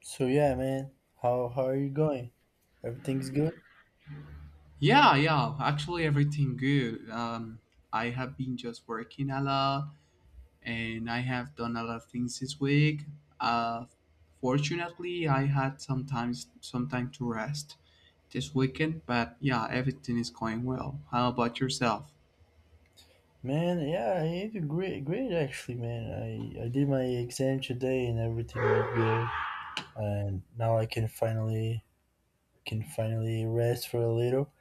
So yeah, man, how are you going? Everything's good, Yeah, yeah. Actually, everything good. I have been just working a lot, and I have done a lot of things this week. Uh, Fortunately, I had sometimes some time to rest this weekend. But yeah, everything is going well. How about yourself? man. Yeah, I did great, great actually, man. I did my exam today and everything went good, and now I can finally rest for a little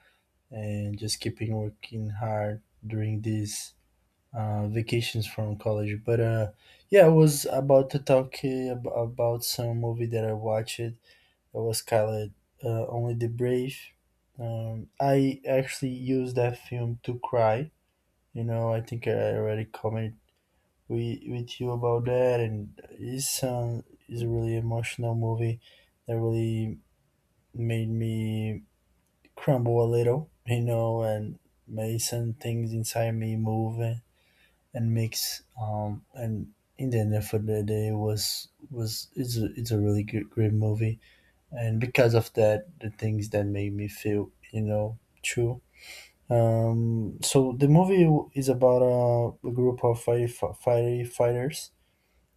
and just keeping working hard during these vacations from college. But yeah, I was about to talk about some movie that I watched. It was called Only the Brave. I actually used that film to cry. You know, I think I already commented with you about that, and it's a really emotional movie that really made me crumble a little. You know, and made some things inside me move and mix. And in the end of the day, it's a really good, great movie and because of that the things that made me feel, you know, true. So the movie is about a group of firefighters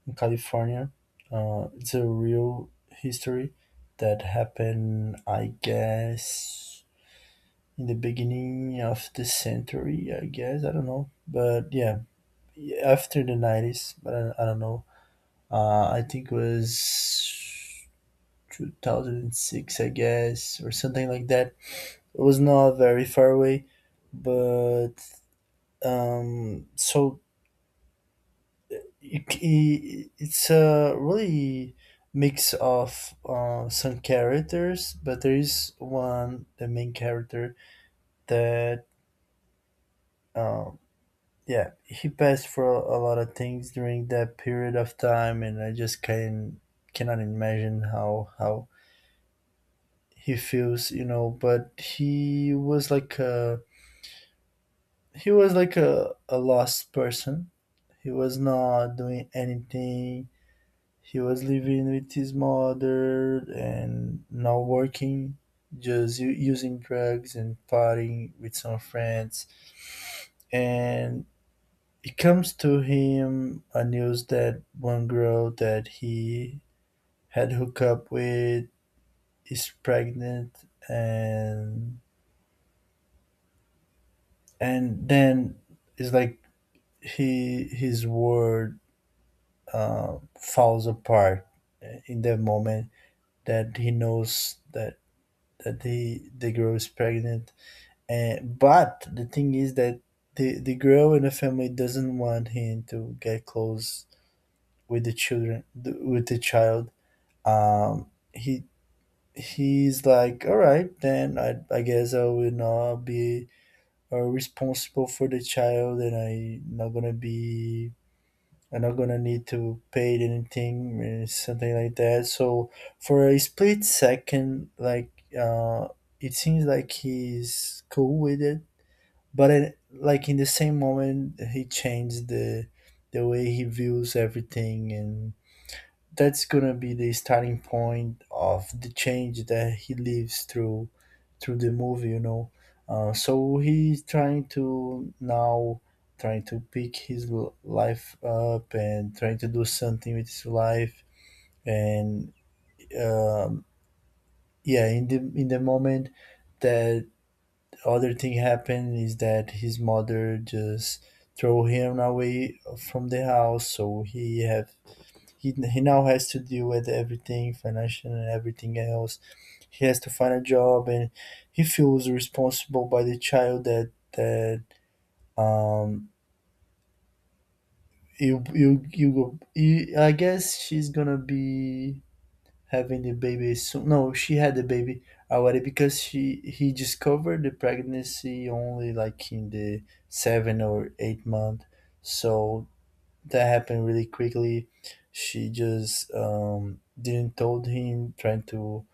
in California. It's a real history that happened, I guess, in the beginning of the century, I guess. I don't know, but yeah, after the nineties. But I don't know. I think it was 2006, I guess, or something like that. It was not very far away, but so it's a really mix of some characters, but there is one, the main character, that uh, yeah, he passed for a lot of things during that period of time, and I just can cannot imagine how he feels, you know. But he was like a he was like a lost person. He was not doing anything. He was living with his mother and not working, just using drugs and partying with some friends. And it comes to him a news that one girl that he had hooked up with is pregnant, and then it's like he his world falls apart in that moment that he knows that the girl is pregnant. And but the thing is that the girl and the family doesn't want him to get close with the children with the child. He he's like, all right, then I guess I will not be responsible for the child, and I not gonna be. They're not gonna need to pay anything or something like that. So for a split second, like uh, it seems like he's cool with it, but it, like in the same moment, he changed the way he views everything, and that's gonna be the starting point of the change that he lives through through the movie, you know. So he's trying to now trying to pick his life up and trying to do something with his life and um, yeah, in the moment that other thing happened is that his mother just throw him away from the house, so he have he now has to deal with everything financial and everything else. He has to find a job, and he feels responsible by the child that um I guess she's gonna be having the baby soon. No, she had the baby already because she he discovered the pregnancy only like in the 7 or 8 month, so that happened really quickly. She just didn't told him, trying to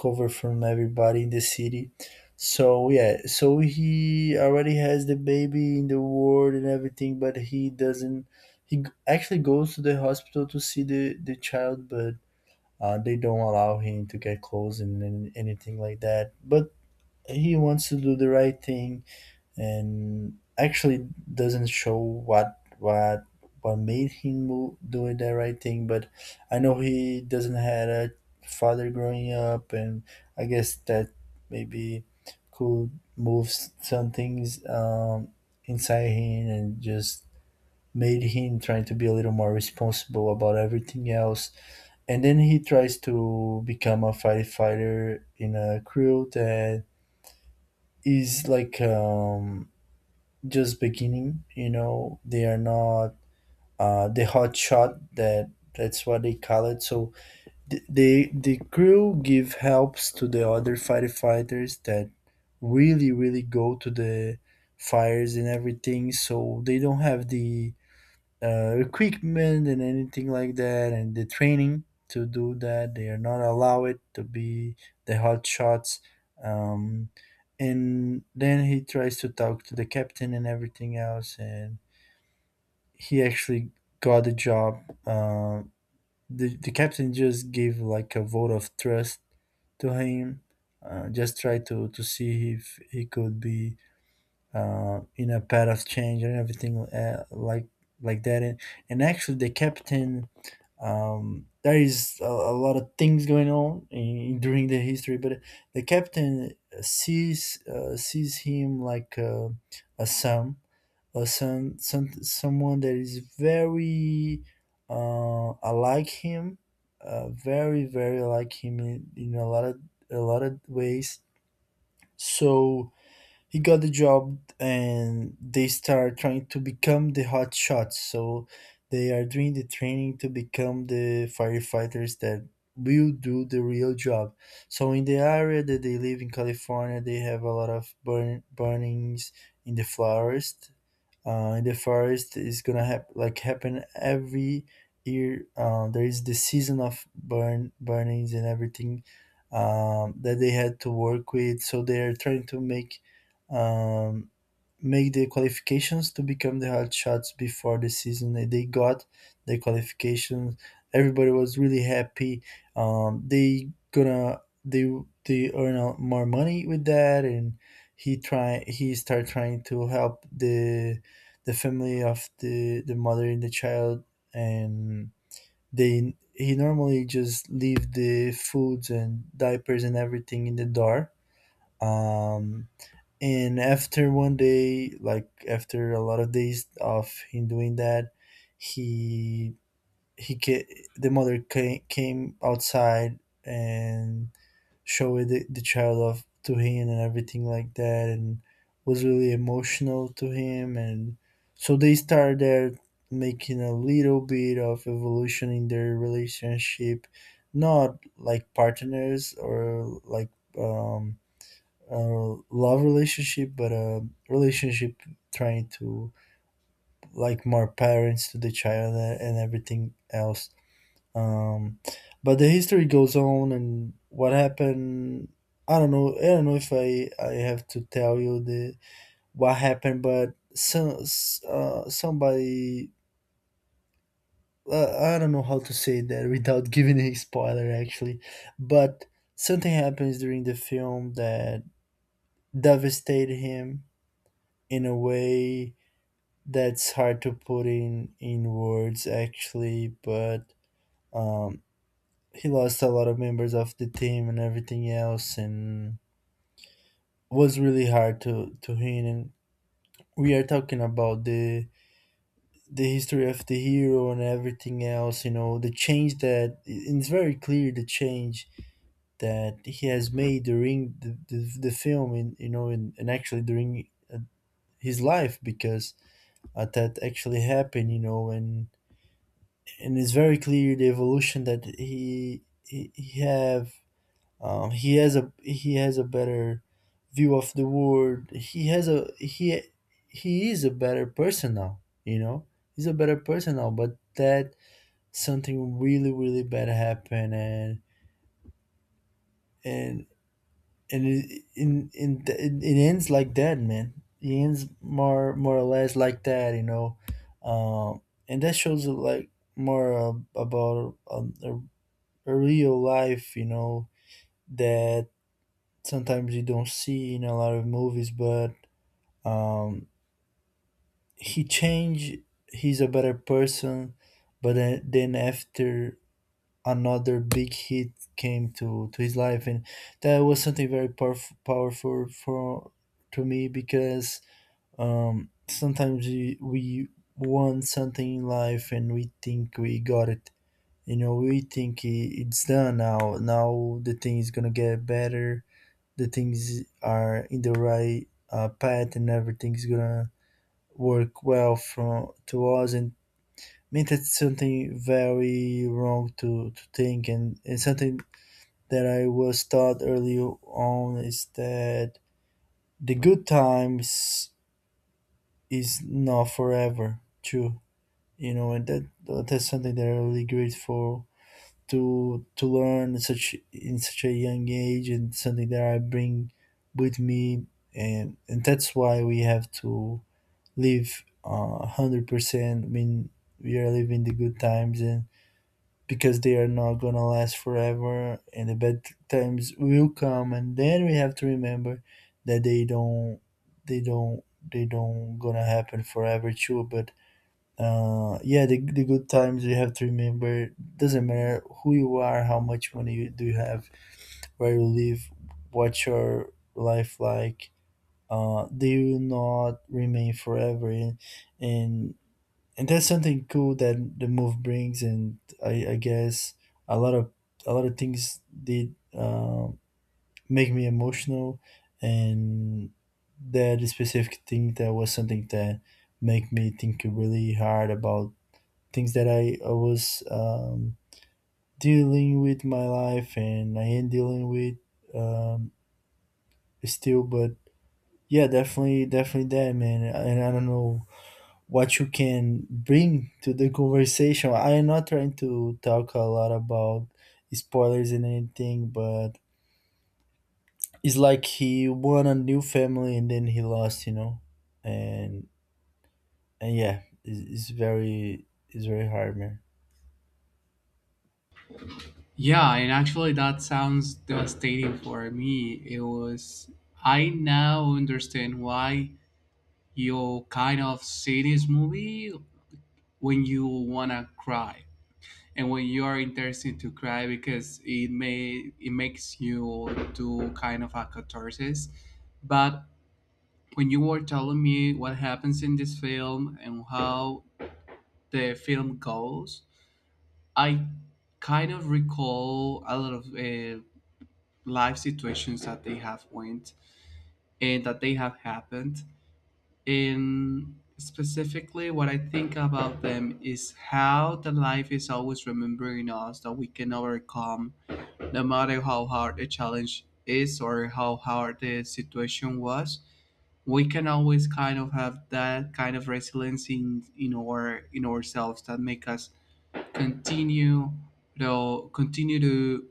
cover from everybody in the city. So yeah, so he already has the baby in the ward and everything, but he doesn't. He actually goes to the hospital to see the child, but they don't allow him to get close and anything like that. But he wants to do the right thing and actually doesn't show what what made him doing the right thing, but I know he doesn't had a father growing up, and I guess that maybe could move some things inside him and just made him trying to be a little more responsible about everything else. And then he tries to become a firefighter in a crew that is like just beginning. You know, they are not the hot shot that that's what they call it. So the crew give helps to the other firefighters that really go to the fires and everything. So they don't have the equipment and anything like that and the training to do that. They are not allowed to be the hot shots. um, and then he tries to talk to the captain and everything else, and he actually got the job. The captain just gave like a vote of trust to him, just try to see if he could be in a Paras change and everything like that. And actually, the captain, there is a lot of things going on in, during the history, but the captain sees sees him like a son, a son, someone that is very alike him, very like him in a lot of ways. So he got the job, and they start trying to become the hot shots, so they are doing the training to become the firefighters that will do the real job. So in the area that they live in California, they have a lot of burnings in the forest. In the forest is gonna like happen every year. There is the season of burnings and everything that they had to work with. So they are trying to make um, make the qualifications to become the hot shots before the season. And they got the qualifications. Everybody was really happy. They they earn more money with that, and he start trying to help the family of the mother and the child, and they he normally just leave the foods and diapers and everything in the door. Um, and after one day, like after a lot of days of him doing that, he he ca- the mother came, came outside and showed the child off to him and everything like that, and was really emotional to him. And so they started there making a little bit of evolution in their relationship, not like partners or like um, a love relationship, but a relationship trying to like more parents to the child and everything else. um, but the history goes on, and what happened. I don't know. I don't know if I have to tell you the what happened, but somebody I don't know how to say that without giving a spoiler actually, but something happens during the film that devastated him in a way that's hard to put in words actually, but um, he lost a lot of members of the team and everything else, and was really hard to him. And we are talking about the history of the hero and everything else, you know, the change that, and it's very clear the change that he has made during the film, and you know, and actually during uh, his life, because that actually happened, you know. And it's very clear the evolution that he have. He has a he has a better view of the world. He has a he is a better person now. You know, he's a better person now. But that something really really bad happened, and and in it, it ends like that, man. It ends more more or less like that. You know, um, and that shows like more about a real life. You know that sometimes you don't see in a lot of movies, but um, he changed. He's a better person, but then after another big hit came to his life, and that was something very powerful for to me because sometimes we want something in life and we think we got it. You know, we think it's done now. Now the thing is gonna get better. The things are in the right path, and everything's gonna work well from to us. And I mean that's something very wrong to think, and something that I was taught early on is that the good times is not forever too, and that's something that I'm really grateful to learn such in such a young age, and something that I bring with me. And that's why we have to live 100% when we are living the good times, and because they are not gonna last forever. And the bad times will come, and then we have to remember that they don't they don't gonna happen forever too. But the good times you have to remember. Doesn't matter who you are, how much money you do you have, where you live, what your life like. They will not remain forever, and, and that's something cool that the move brings. And I guess a lot of a lot of things did make me emotional, and that specific thing, that was something that make me think really hard about things that I was, dealing with my life, and I am dealing with um, still. But yeah, definitely that, man. And I don't know what you can bring to the conversation. I am not trying to talk a lot about spoilers and anything, but it's like he won a new family and then he lost, you know? And, and yeah, it's very hard, man. Yeah, and actually, that sounds devastating for me. It was. I now understand why you kind of see this movie when you wanna cry and when you are interested to cry because it makes you do kind of a catharsis. But when you were telling me what happens in this film and how the film goes, I kind of recall a lot of life situations that they have went and that they have happened. And specifically what I think about them is how the life is always remembering us that we can overcome. No matter how hard a challenge is or how hard the situation was, we can always kind of have that kind of resilience in ourselves that make us continue to continue to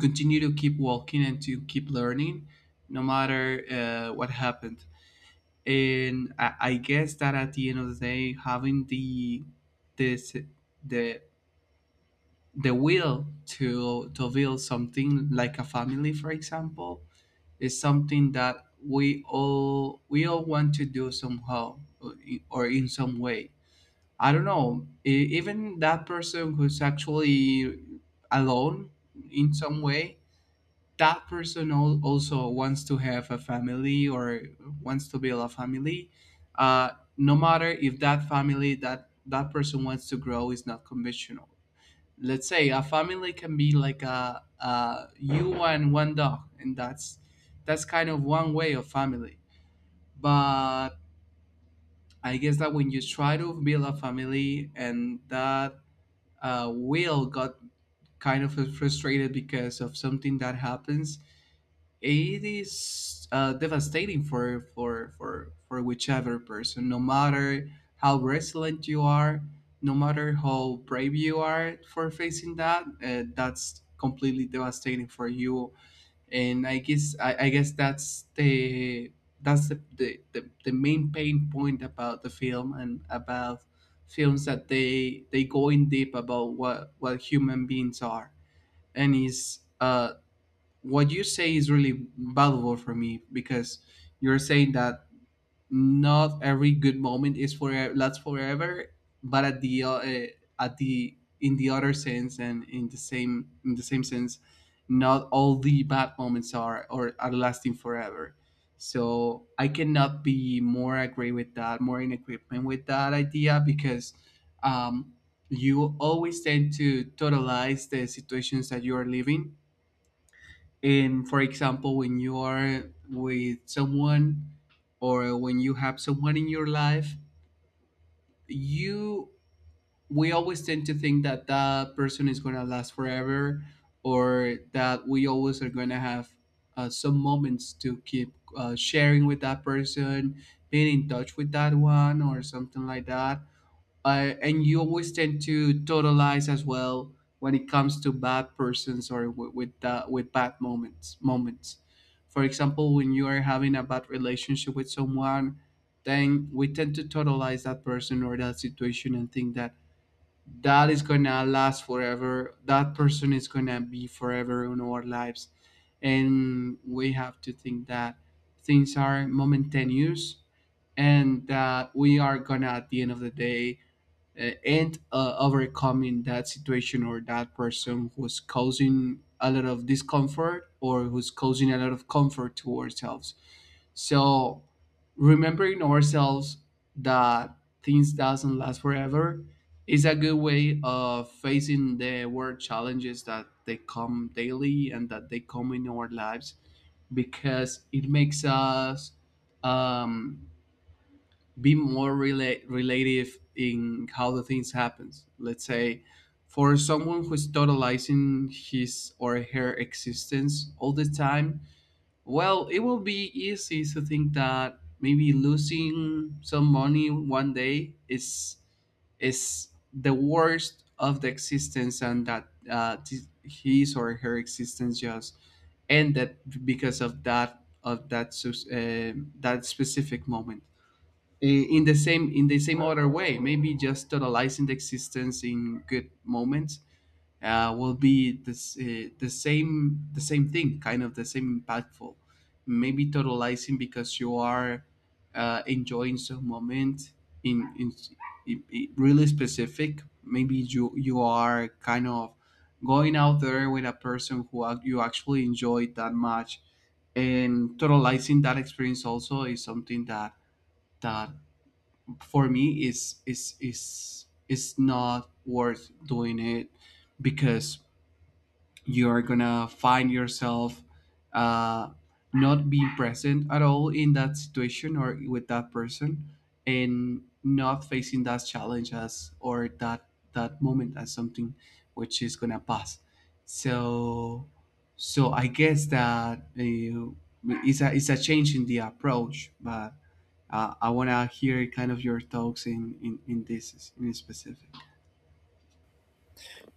continue to keep walking and to keep learning no matter what happened. I guess that at the end of the day, having the this the the will to build something like a family, for example, it's something that we all want to do somehow or in some way. I don't know. Even that person who's actually alone in some way, that person also wants to have a family or wants to build a family. Uh, no matter if that family that that person wants to grow is not conventional. Let's say a family can be like a you and one dog, and that's kind of one way of family. But I guess that when you try to build a family and that will got kind of frustrated because of something that happens, it is devastating for whichever person, no matter how resilient you are, no matter how brave you are for facing that. That's completely devastating for you. And I guess that's the main pain point about the film and about films that they go in deep about what human beings are. And is what you say is really valuable for me because you're saying that not every good moment is for lasts forever, but at the eh, at the in the other sense, and in the same sense, not all the bad moments are or are lasting forever. So I cannot be more agree with that, more in agreement with that idea because um, you always tend to totalize the situations that you are living. And for example, when you are with someone or when you have someone in your life, you we always tend to think that that person is going to last forever, or that we always are going to have some moments to keep sharing with that person, being in touch with that one or something like that. And you always tend to totalize as well when it comes to bad persons or w- with bad moments moments. For example, when you are having a bad relationship with someone, then we tend to totalize that person or that situation and think that that is gonna last forever, that person is gonna be forever in our lives. And we have to think that things are momentaneous, and that we are gonna at the end of the day and overcoming that situation or that person who's causing a lot of discomfort or who's causing a lot of comfort to ourselves. So remembering ourselves that things doesn't last forever is a good way of facing the world challenges that they come daily and that they come in our lives. Because it makes us um, be more relative in how the things happens, let's say. For someone who's totalizing his or her existence all the time, well, it will be easy to think that maybe losing some money one day is the worst of the existence, and that his or her existence just ended because of that that specific moment. In the same in the same other way, maybe just totalizing the existence in good moments will be this the same thing, kind of the same impactful. Maybe totalizing because you are enjoying some moment in, in, in really specific. Maybe you are kind of going out there with a person who you actually enjoyed that much, and totalizing that experience also is something that that for me is not worth doing it. Because you're gonna find yourself uh, not being present at all in that situation or with that person, and not facing that challenge as or that that moment as something which is gonna pass. So so I guess that it's a change in the approach. But I want to hear kind of your thoughts in this in specific.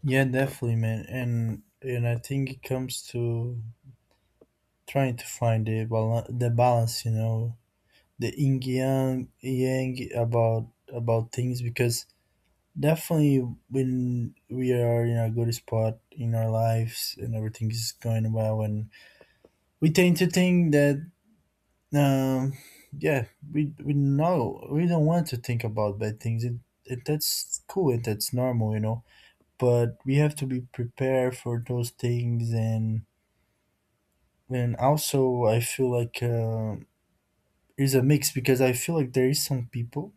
Yeah, definitely, man. And I think it comes to trying to find the balance, you know, the yin yang, yang about things. Because definitely when we are in a good spot in our lives and everything is going well, and we tend to think that, um, yeah, we know we don't want to think about bad things. It that's cool and that's normal, you know. But we have to be prepared for those things. And also, I feel like it's a mix, because I feel like there is some people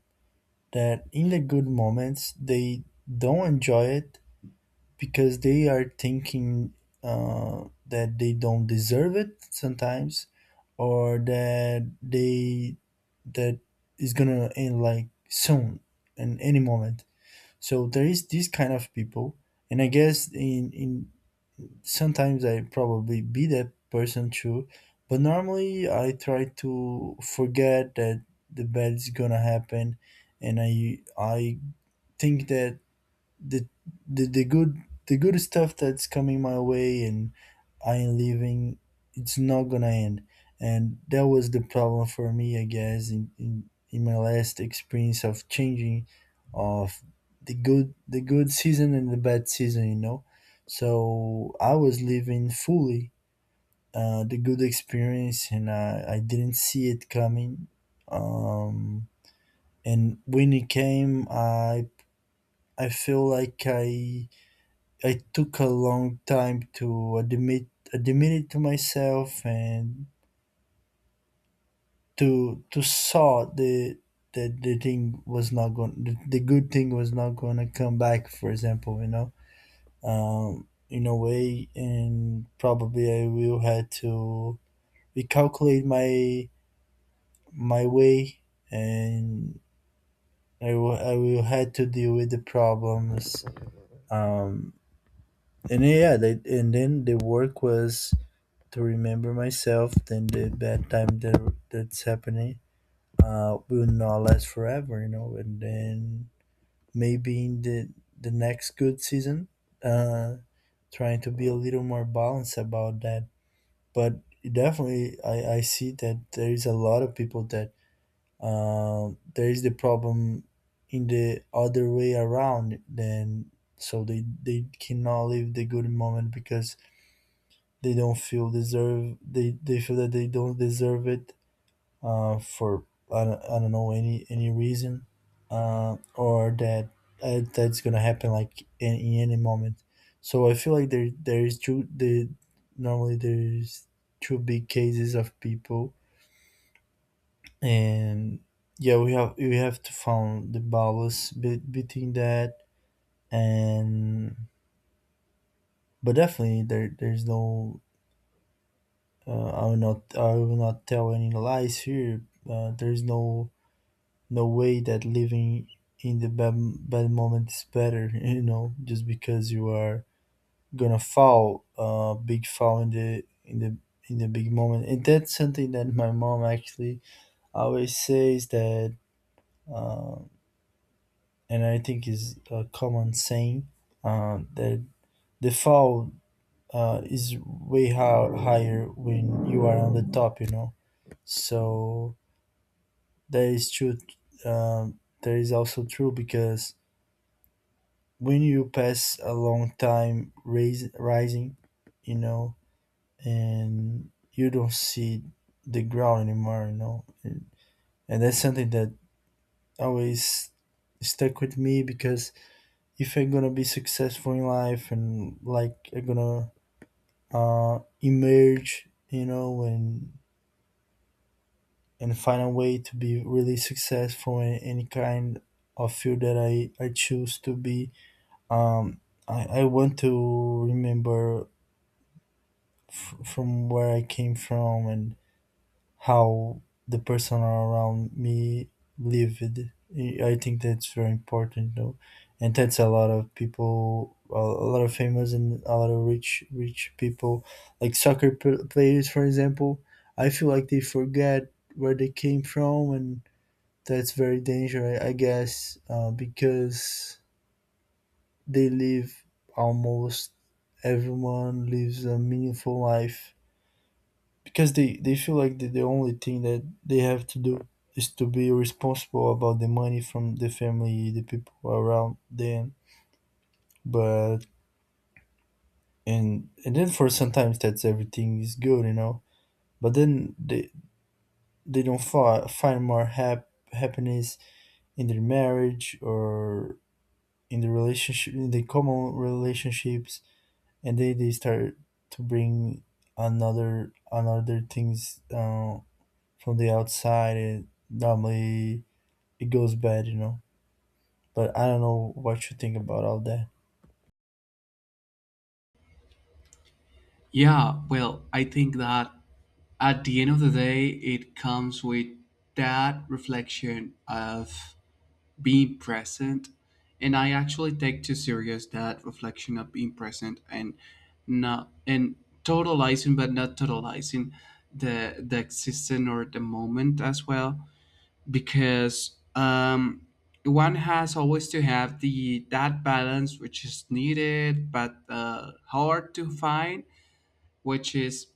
that in the good moments they don't enjoy it because they are thinking that they don't deserve it sometimes, or that they, that is gonna end like soon in any moment. So there is this kind of people, and I guess in sometimes I probably be that person too, but normally I try to forget that the bad is gonna happen, and I think that the the the good the good stuff that's coming my way and I am leaving, it's not gonna end. And that was the problem for me, I guess, in my last experience of changing of the good season and the bad season, you know. So I was living fully the good experience, and I didn't see it coming, um, and when it came, I feel like I took a long time to admit it to myself, and to saw the, that the thing was not going, the good thing was not going to come back, for example, you know. In a way, and probably I will had to recalculate my way, and I will had to deal with the problems, um and yeah they, and then the work was to remember myself then the bad time, that that's happening, will not last forever, you know. And then maybe in the next good season, uh trying to be a little more balanced about that. But definitely I see that there is a lot of people that, there is the problem in the other way around then. So they cannot live the good moment because they don't feel deserve, they feel that they don't deserve it, for I don't know any reason, or that, that's gonna happen like in any moment. So I feel like there is two the normally there's two big cases of people. And yeah, we have, we have to find the balance between that. And but definitely there, there's no, I will not, I will not tell any lies here. There is no, no way that living in the bad, bad moment is better. You know, just because you are gonna fall, big fall in the, in the, in the big moment. And that's something that my mom actually always says that, uh, and I think is a common saying, that the fall, is way how higher when you are on the top. You know, so that is true. That is also true, because when you pass a long time rising, you know, and you don't see the ground anymore, you know. And that's something that always stuck with me, because if I'm gonna be successful in life, and like I'm gonna emerge, you know, and find a way to be really successful in any kind of field that I choose to be. Um, I want to remember from where I came from and how the person around me lived. I think that's very important, though, and that's a lot of people, a lot of famous and a lot of rich people, like soccer players, for example. I feel like they forget where they came from, and that's very dangerous, I guess, because they live, almost everyone lives a meaningful life, because they feel like the only thing that they have to do is to be responsible about the money from the family, the people around them. But and then for sometimes that's, everything is good, you know. But then they don't find more happiness in their marriage, or in the relationship, in the common relationships. And they start to bring another things, from the outside, and normally it goes bad, you know. But I don't know what you think about all that. Yeah, well, I think that at the end of the day, it comes with that reflection of being present. And I actually take too serious that reflection of being present, and not and totalizing, but not totalizing the existence or the moment as well. Because one has always to have the that balance which is needed but hard to find, which is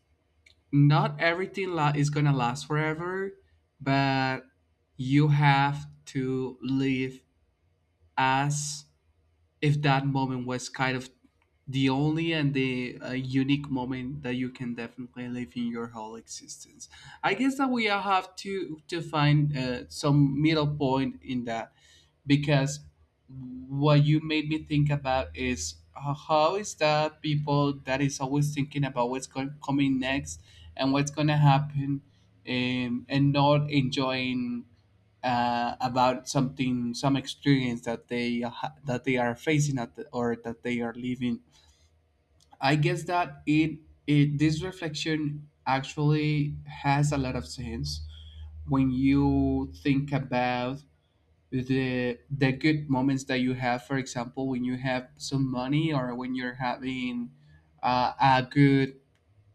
not everything is gonna last forever, but you have to live as if that moment was kind of the only and the unique moment that you can definitely live in your whole existence. I guess that we all have to find some middle point in that. Because what you made me think about is how is that people that is always thinking about what's going coming next and what's going to happen, and not enjoying about something, some experience that they that they are facing at the, or that they are living. i guess that it, it this reflection actually has a lot of sense when you think about the good moments that you have. For example, when you have some money, or when you're having a good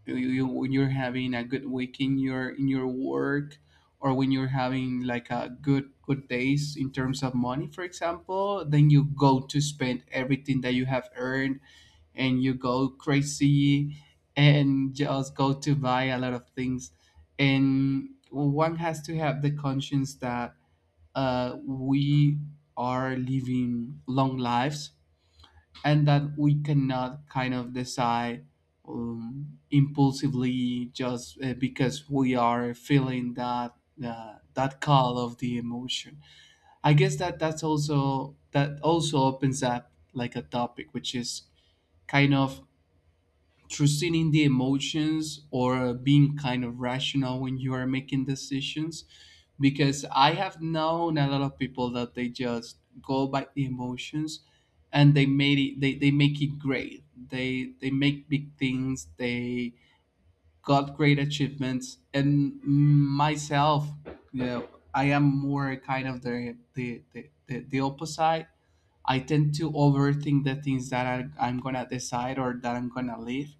when you're having a good week in your work, or when you're having like a good days in terms of money, for example, then you go to spend everything that you have earned and you go crazy and just go to buy a lot of things. And one has to have the conscience that we are living long lives, and that we cannot kind of decide impulsively just because we are feeling that that call of the emotion. I guess that that's also that also opens up like a topic which is kind of trusting in the emotions or being kind of rational when you are making decisions. Because I have known a lot of people that they just go by the emotions, and they they make it great, they make big things, they got great achievements. And myself, you know, I am more kind of the opposite. I tend to overthink the things that I'm gonna decide or that I'm gonna leave.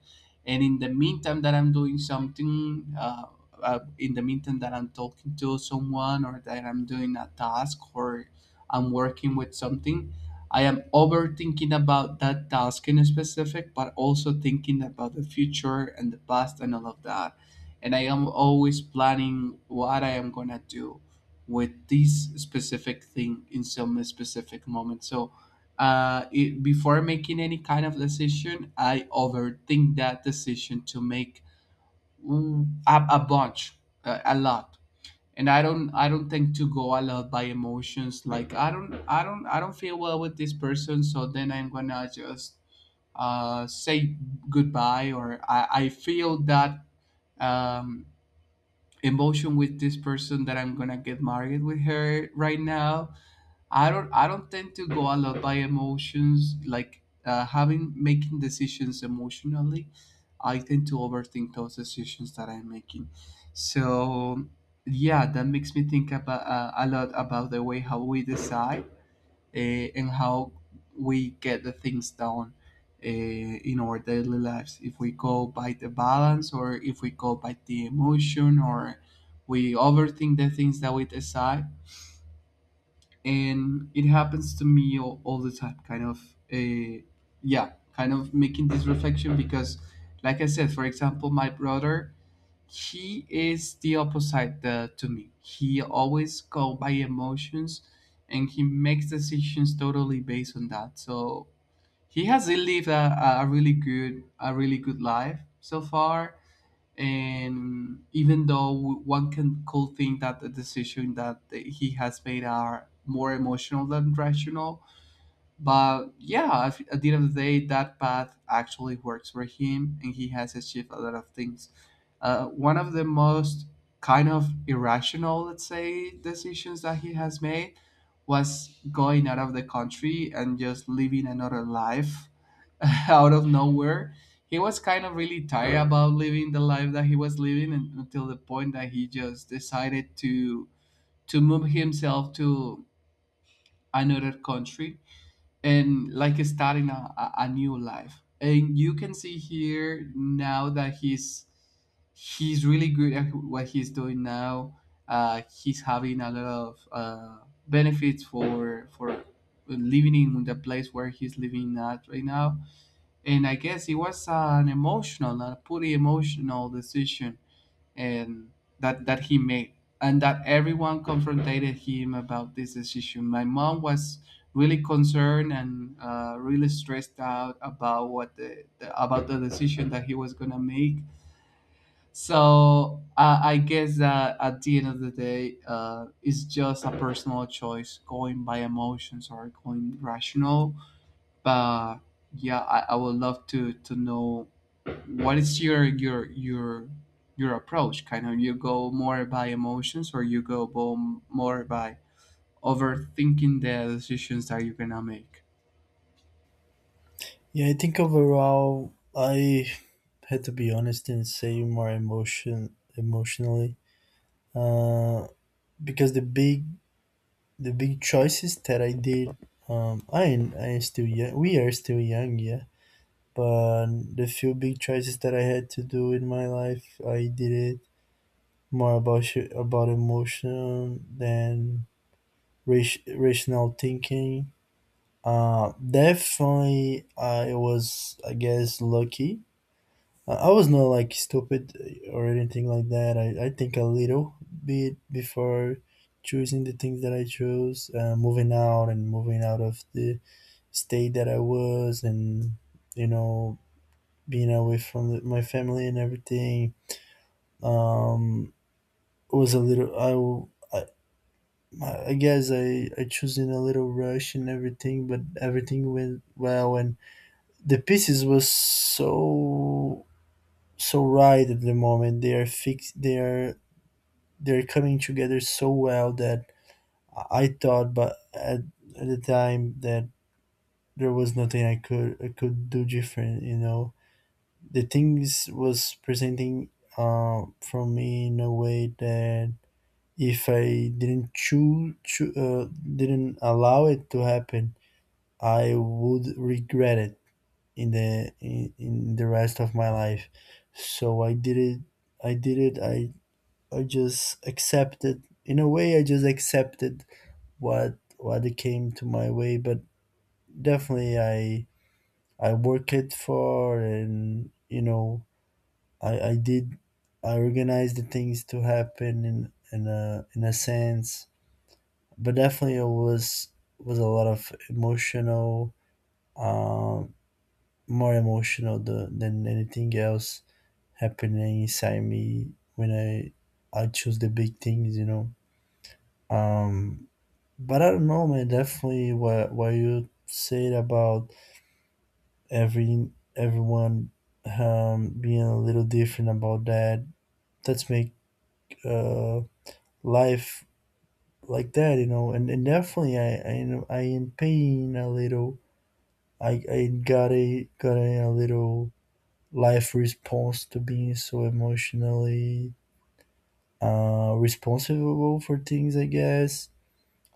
And in the meantime, that I'm doing something, in the meantime that I'm talking to someone, or that I'm doing a task, or I'm working with something, I am overthinking about that task in specific, but also thinking about the future and the past and all of that. And I am always planning what I am gonna do with this specific thing in some specific moment. So before making any kind of decision, I overthink that decision to make a bunch, a lot. And I don't think to go a lot by emotions. Like I don't feel well with this person, so then I'm gonna just say goodbye, or I feel that um, emotion with this person that I'm gonna get married with her right now. I don't tend to go a lot by emotions, like having making decisions emotionally. I tend to overthink those decisions that I'm making. So yeah, that makes me think about a lot about the way how we decide, and how we get the things done in our daily lives. If we go by the balance, or if we go by the emotion, or we overthink the things that we decide. And it happens to me all the time, kind of, yeah, kind of making this reflection because, like I said, for example, my brother, he is the opposite to me. He always go by emotions, and he makes decisions totally based on that. So he has lived a really good a really good life so far. And even though one can could think that the decision that he has made are more emotional than rational, but yeah, at the end of the day, that path actually works for him, and he has achieved a lot of things. One of the most kind of irrational, let's say, decisions that he has made was going out of the country and just living another life out of nowhere. He was kind of really tired about living the life that he was living, and until the point that he just decided to move himself to another country, and like starting a new life. And you can see here now that he's really good at what he's doing now. He's having a lot of benefits for living in the place where he's living at right now. And I guess it was an emotional a pretty emotional decision and that he made, and that everyone confronted him about this decision. My mom was really concerned and really stressed out about what the about the decision that he was gonna make. So I guess that at the end of the day, it's just a personal choice, going by emotions or going rational. But yeah, I would love to know what is your approach. Kind of, you go more by emotions, or you go more by overthinking the decisions that you're gonna make? Yeah, I think overall I had to be honest and say more emotionally, uh, because the big choices that I did, I am still young. We are still young, yeah. But the few big choices that I had to do in my life, I did it more about about emotion than rational thinking. Definitely, I was, I guess, lucky. I was not like stupid or anything like that. I think a little bit before choosing the things that I chose, moving out and moving out of the state that I was, and you know, being away from the, my family and everything. um it was a little, I guess I choose in a little rush and everything, but everything went well, and the pieces was so, so right at the moment. They are fixed. They are, they are coming together so well that I thought, but at the time that there was nothing I could do different. You know, the things was presenting from me in a way that if I didn't choose, didn't allow it to happen, I would regret it in the, in the rest of my life. So I did it. I did it. I just accepted. In a way, I just accepted what it came to my way. But definitely, I work it for, and you know, I did, I organized the things to happen in a sense. But definitely it was a lot of emotional, um, more emotional than anything else happening inside me when I choose the big things, you know. Um, but I don't know, man. Definitely what you said about every everyone, being a little different about that, that's make, uh life like that, you know. And definitely I am paying a little. I got a little life response to being so emotionally, responsible for things. I guess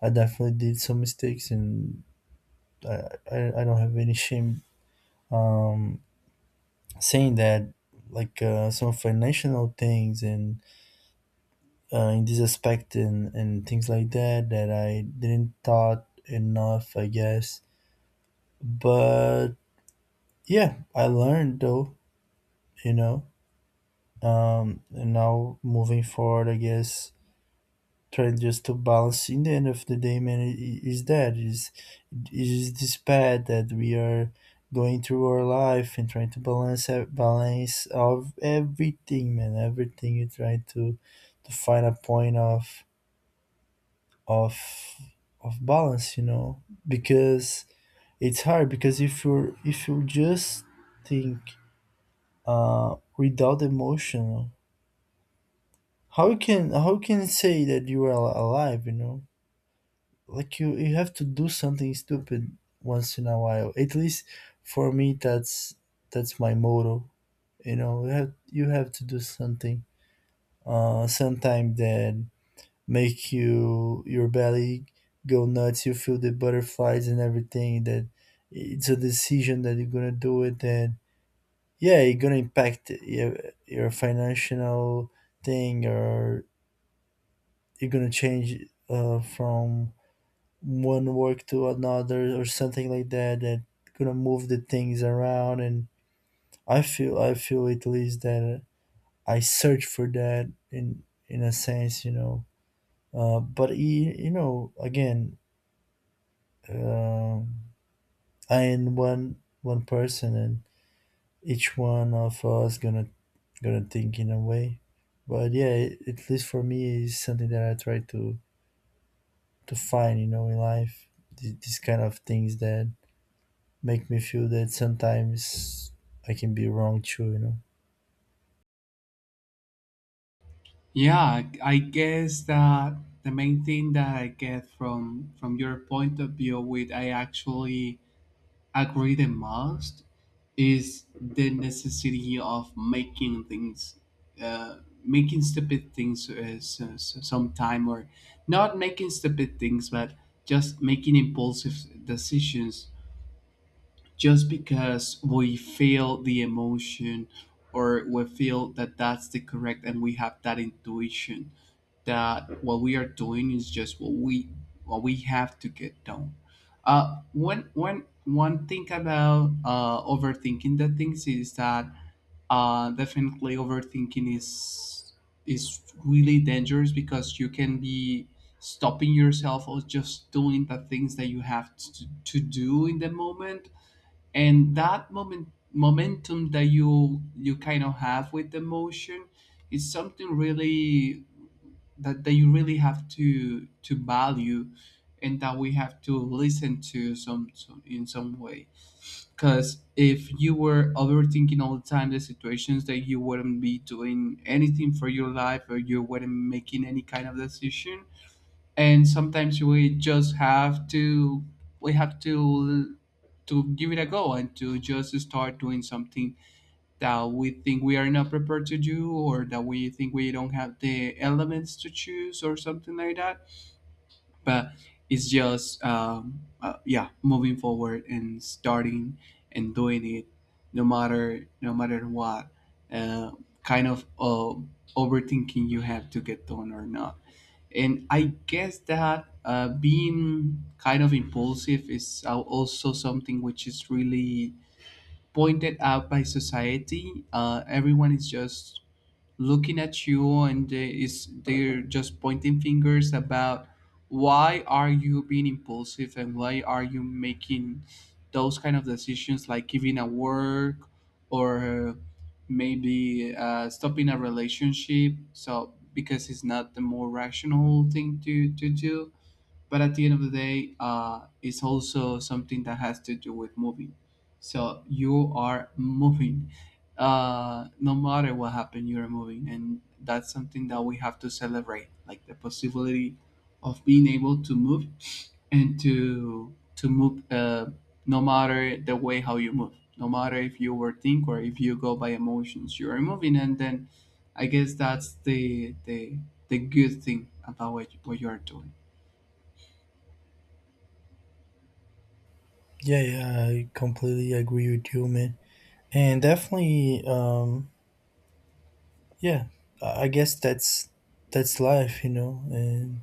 I definitely did some mistakes, and I don't have any shame, um saying that, like, some financial things and, in this aspect, and things like that, that I didn't thought enough, I guess. But yeah, I learned though, you know. And now moving forward, I guess trying just to balance. In the end of the day, man, that is, it is this path that we are going through our life, and trying to balance, of everything, man. Everything you try to find a point of of balance, you know. Because it's hard. Because if you're, if you just think, without emotion, how you can, how you can say that you are alive, you know? Like you have to do something stupid once in a while, at least for me. That's my motto, you know. You have, you have to do something, sometime, that make you, your belly go nuts, you feel the butterflies and everything. That it's a decision that you're gonna do it, and yeah, it gonna impact your financial thing, or you're gonna change, from one work to another, or something like that, that gonna move the things around. And I feel, I feel at least that I search for that in a sense, you know. But you know, again, um I am one, one person, and each one of us gonna, gonna think in a way. But yeah, it, at least for me, is something that I try to find, you know, in life. These kind of things that make me feel that sometimes I can be wrong too, you know. Yeah, I guess that the main thing that I get from your point of view, with I actually agree the most, is the necessity of making things, uh, making stupid things, sometime, or not making stupid things, but just making impulsive decisions, just because we feel the emotion or we feel that that's the correct and we have that intuition that what we are doing is just what we have to get done. One thing about overthinking the things is that definitely overthinking is really dangerous, because you can be stopping yourself or just doing the things that you have to do in the moment. And that moment momentum that you kind of have with the motion is something really that, that you really have to value, and that we have to listen to some in some way. Because if you were overthinking all the time the situations, that you wouldn't be doing anything for your life, or you wouldn't making any kind of decision. And sometimes we just have to, we have to to give it a go, and to just start doing something that we think we are not prepared to do, or that we think we don't have the elements to choose or something like that. But it's just yeah, moving forward and starting and doing it, no matter what, uh, kind of, overthinking you have to get done or not. And I guess that, being kind of impulsive is also something which is really pointed out by society. Everyone is just looking at you, and they're just pointing fingers about why are you being impulsive and why are you making those kind of decisions, like giving a work, or maybe, stopping a relationship, so because it's not the more rational thing to do. But at the end of the day, it's also something that has to do with moving. So you are moving, no matter what happened, you're moving, and that's something that we have to celebrate, like the possibility of being able to move, and to move, no matter the way how you move, no matter if you were think or if you go by emotions, you're moving. And then I guess that's the good thing about what you're doing. Yeah, yeah, I completely agree with you, man. And definitely, yeah, I guess that's life, you know. and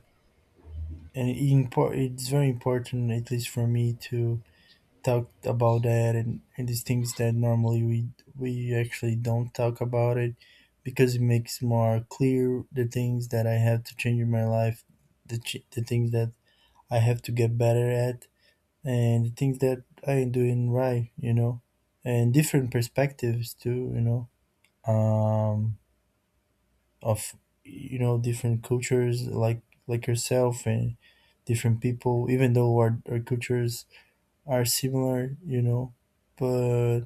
and it it's very important, at least for me, to talked about that. And these things that normally we actually don't talk about it, because it makes more clear the things that I have to change in my life, the the things that I have to get better at, and the things that I am doing right, you know, and different perspectives too, you know, um, of, you know, different cultures like yourself, and different people, even though our cultures are similar, you know. But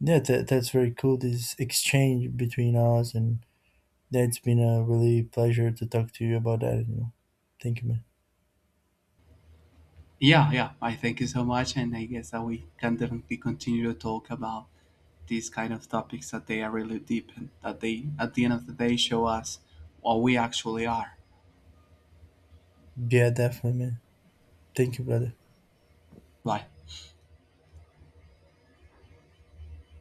yeah, that, that's very cool, this exchange between us. And that's been a really pleasure to talk to you about that, you know. Thank you, man. Yeah, yeah. I thank you so much, and I guess that we can definitely continue to talk about these kind of topics that they are really deep and that they, at the end of the day, show us what we actually are. Yeah, definitely, man. Thank you, brother. Right.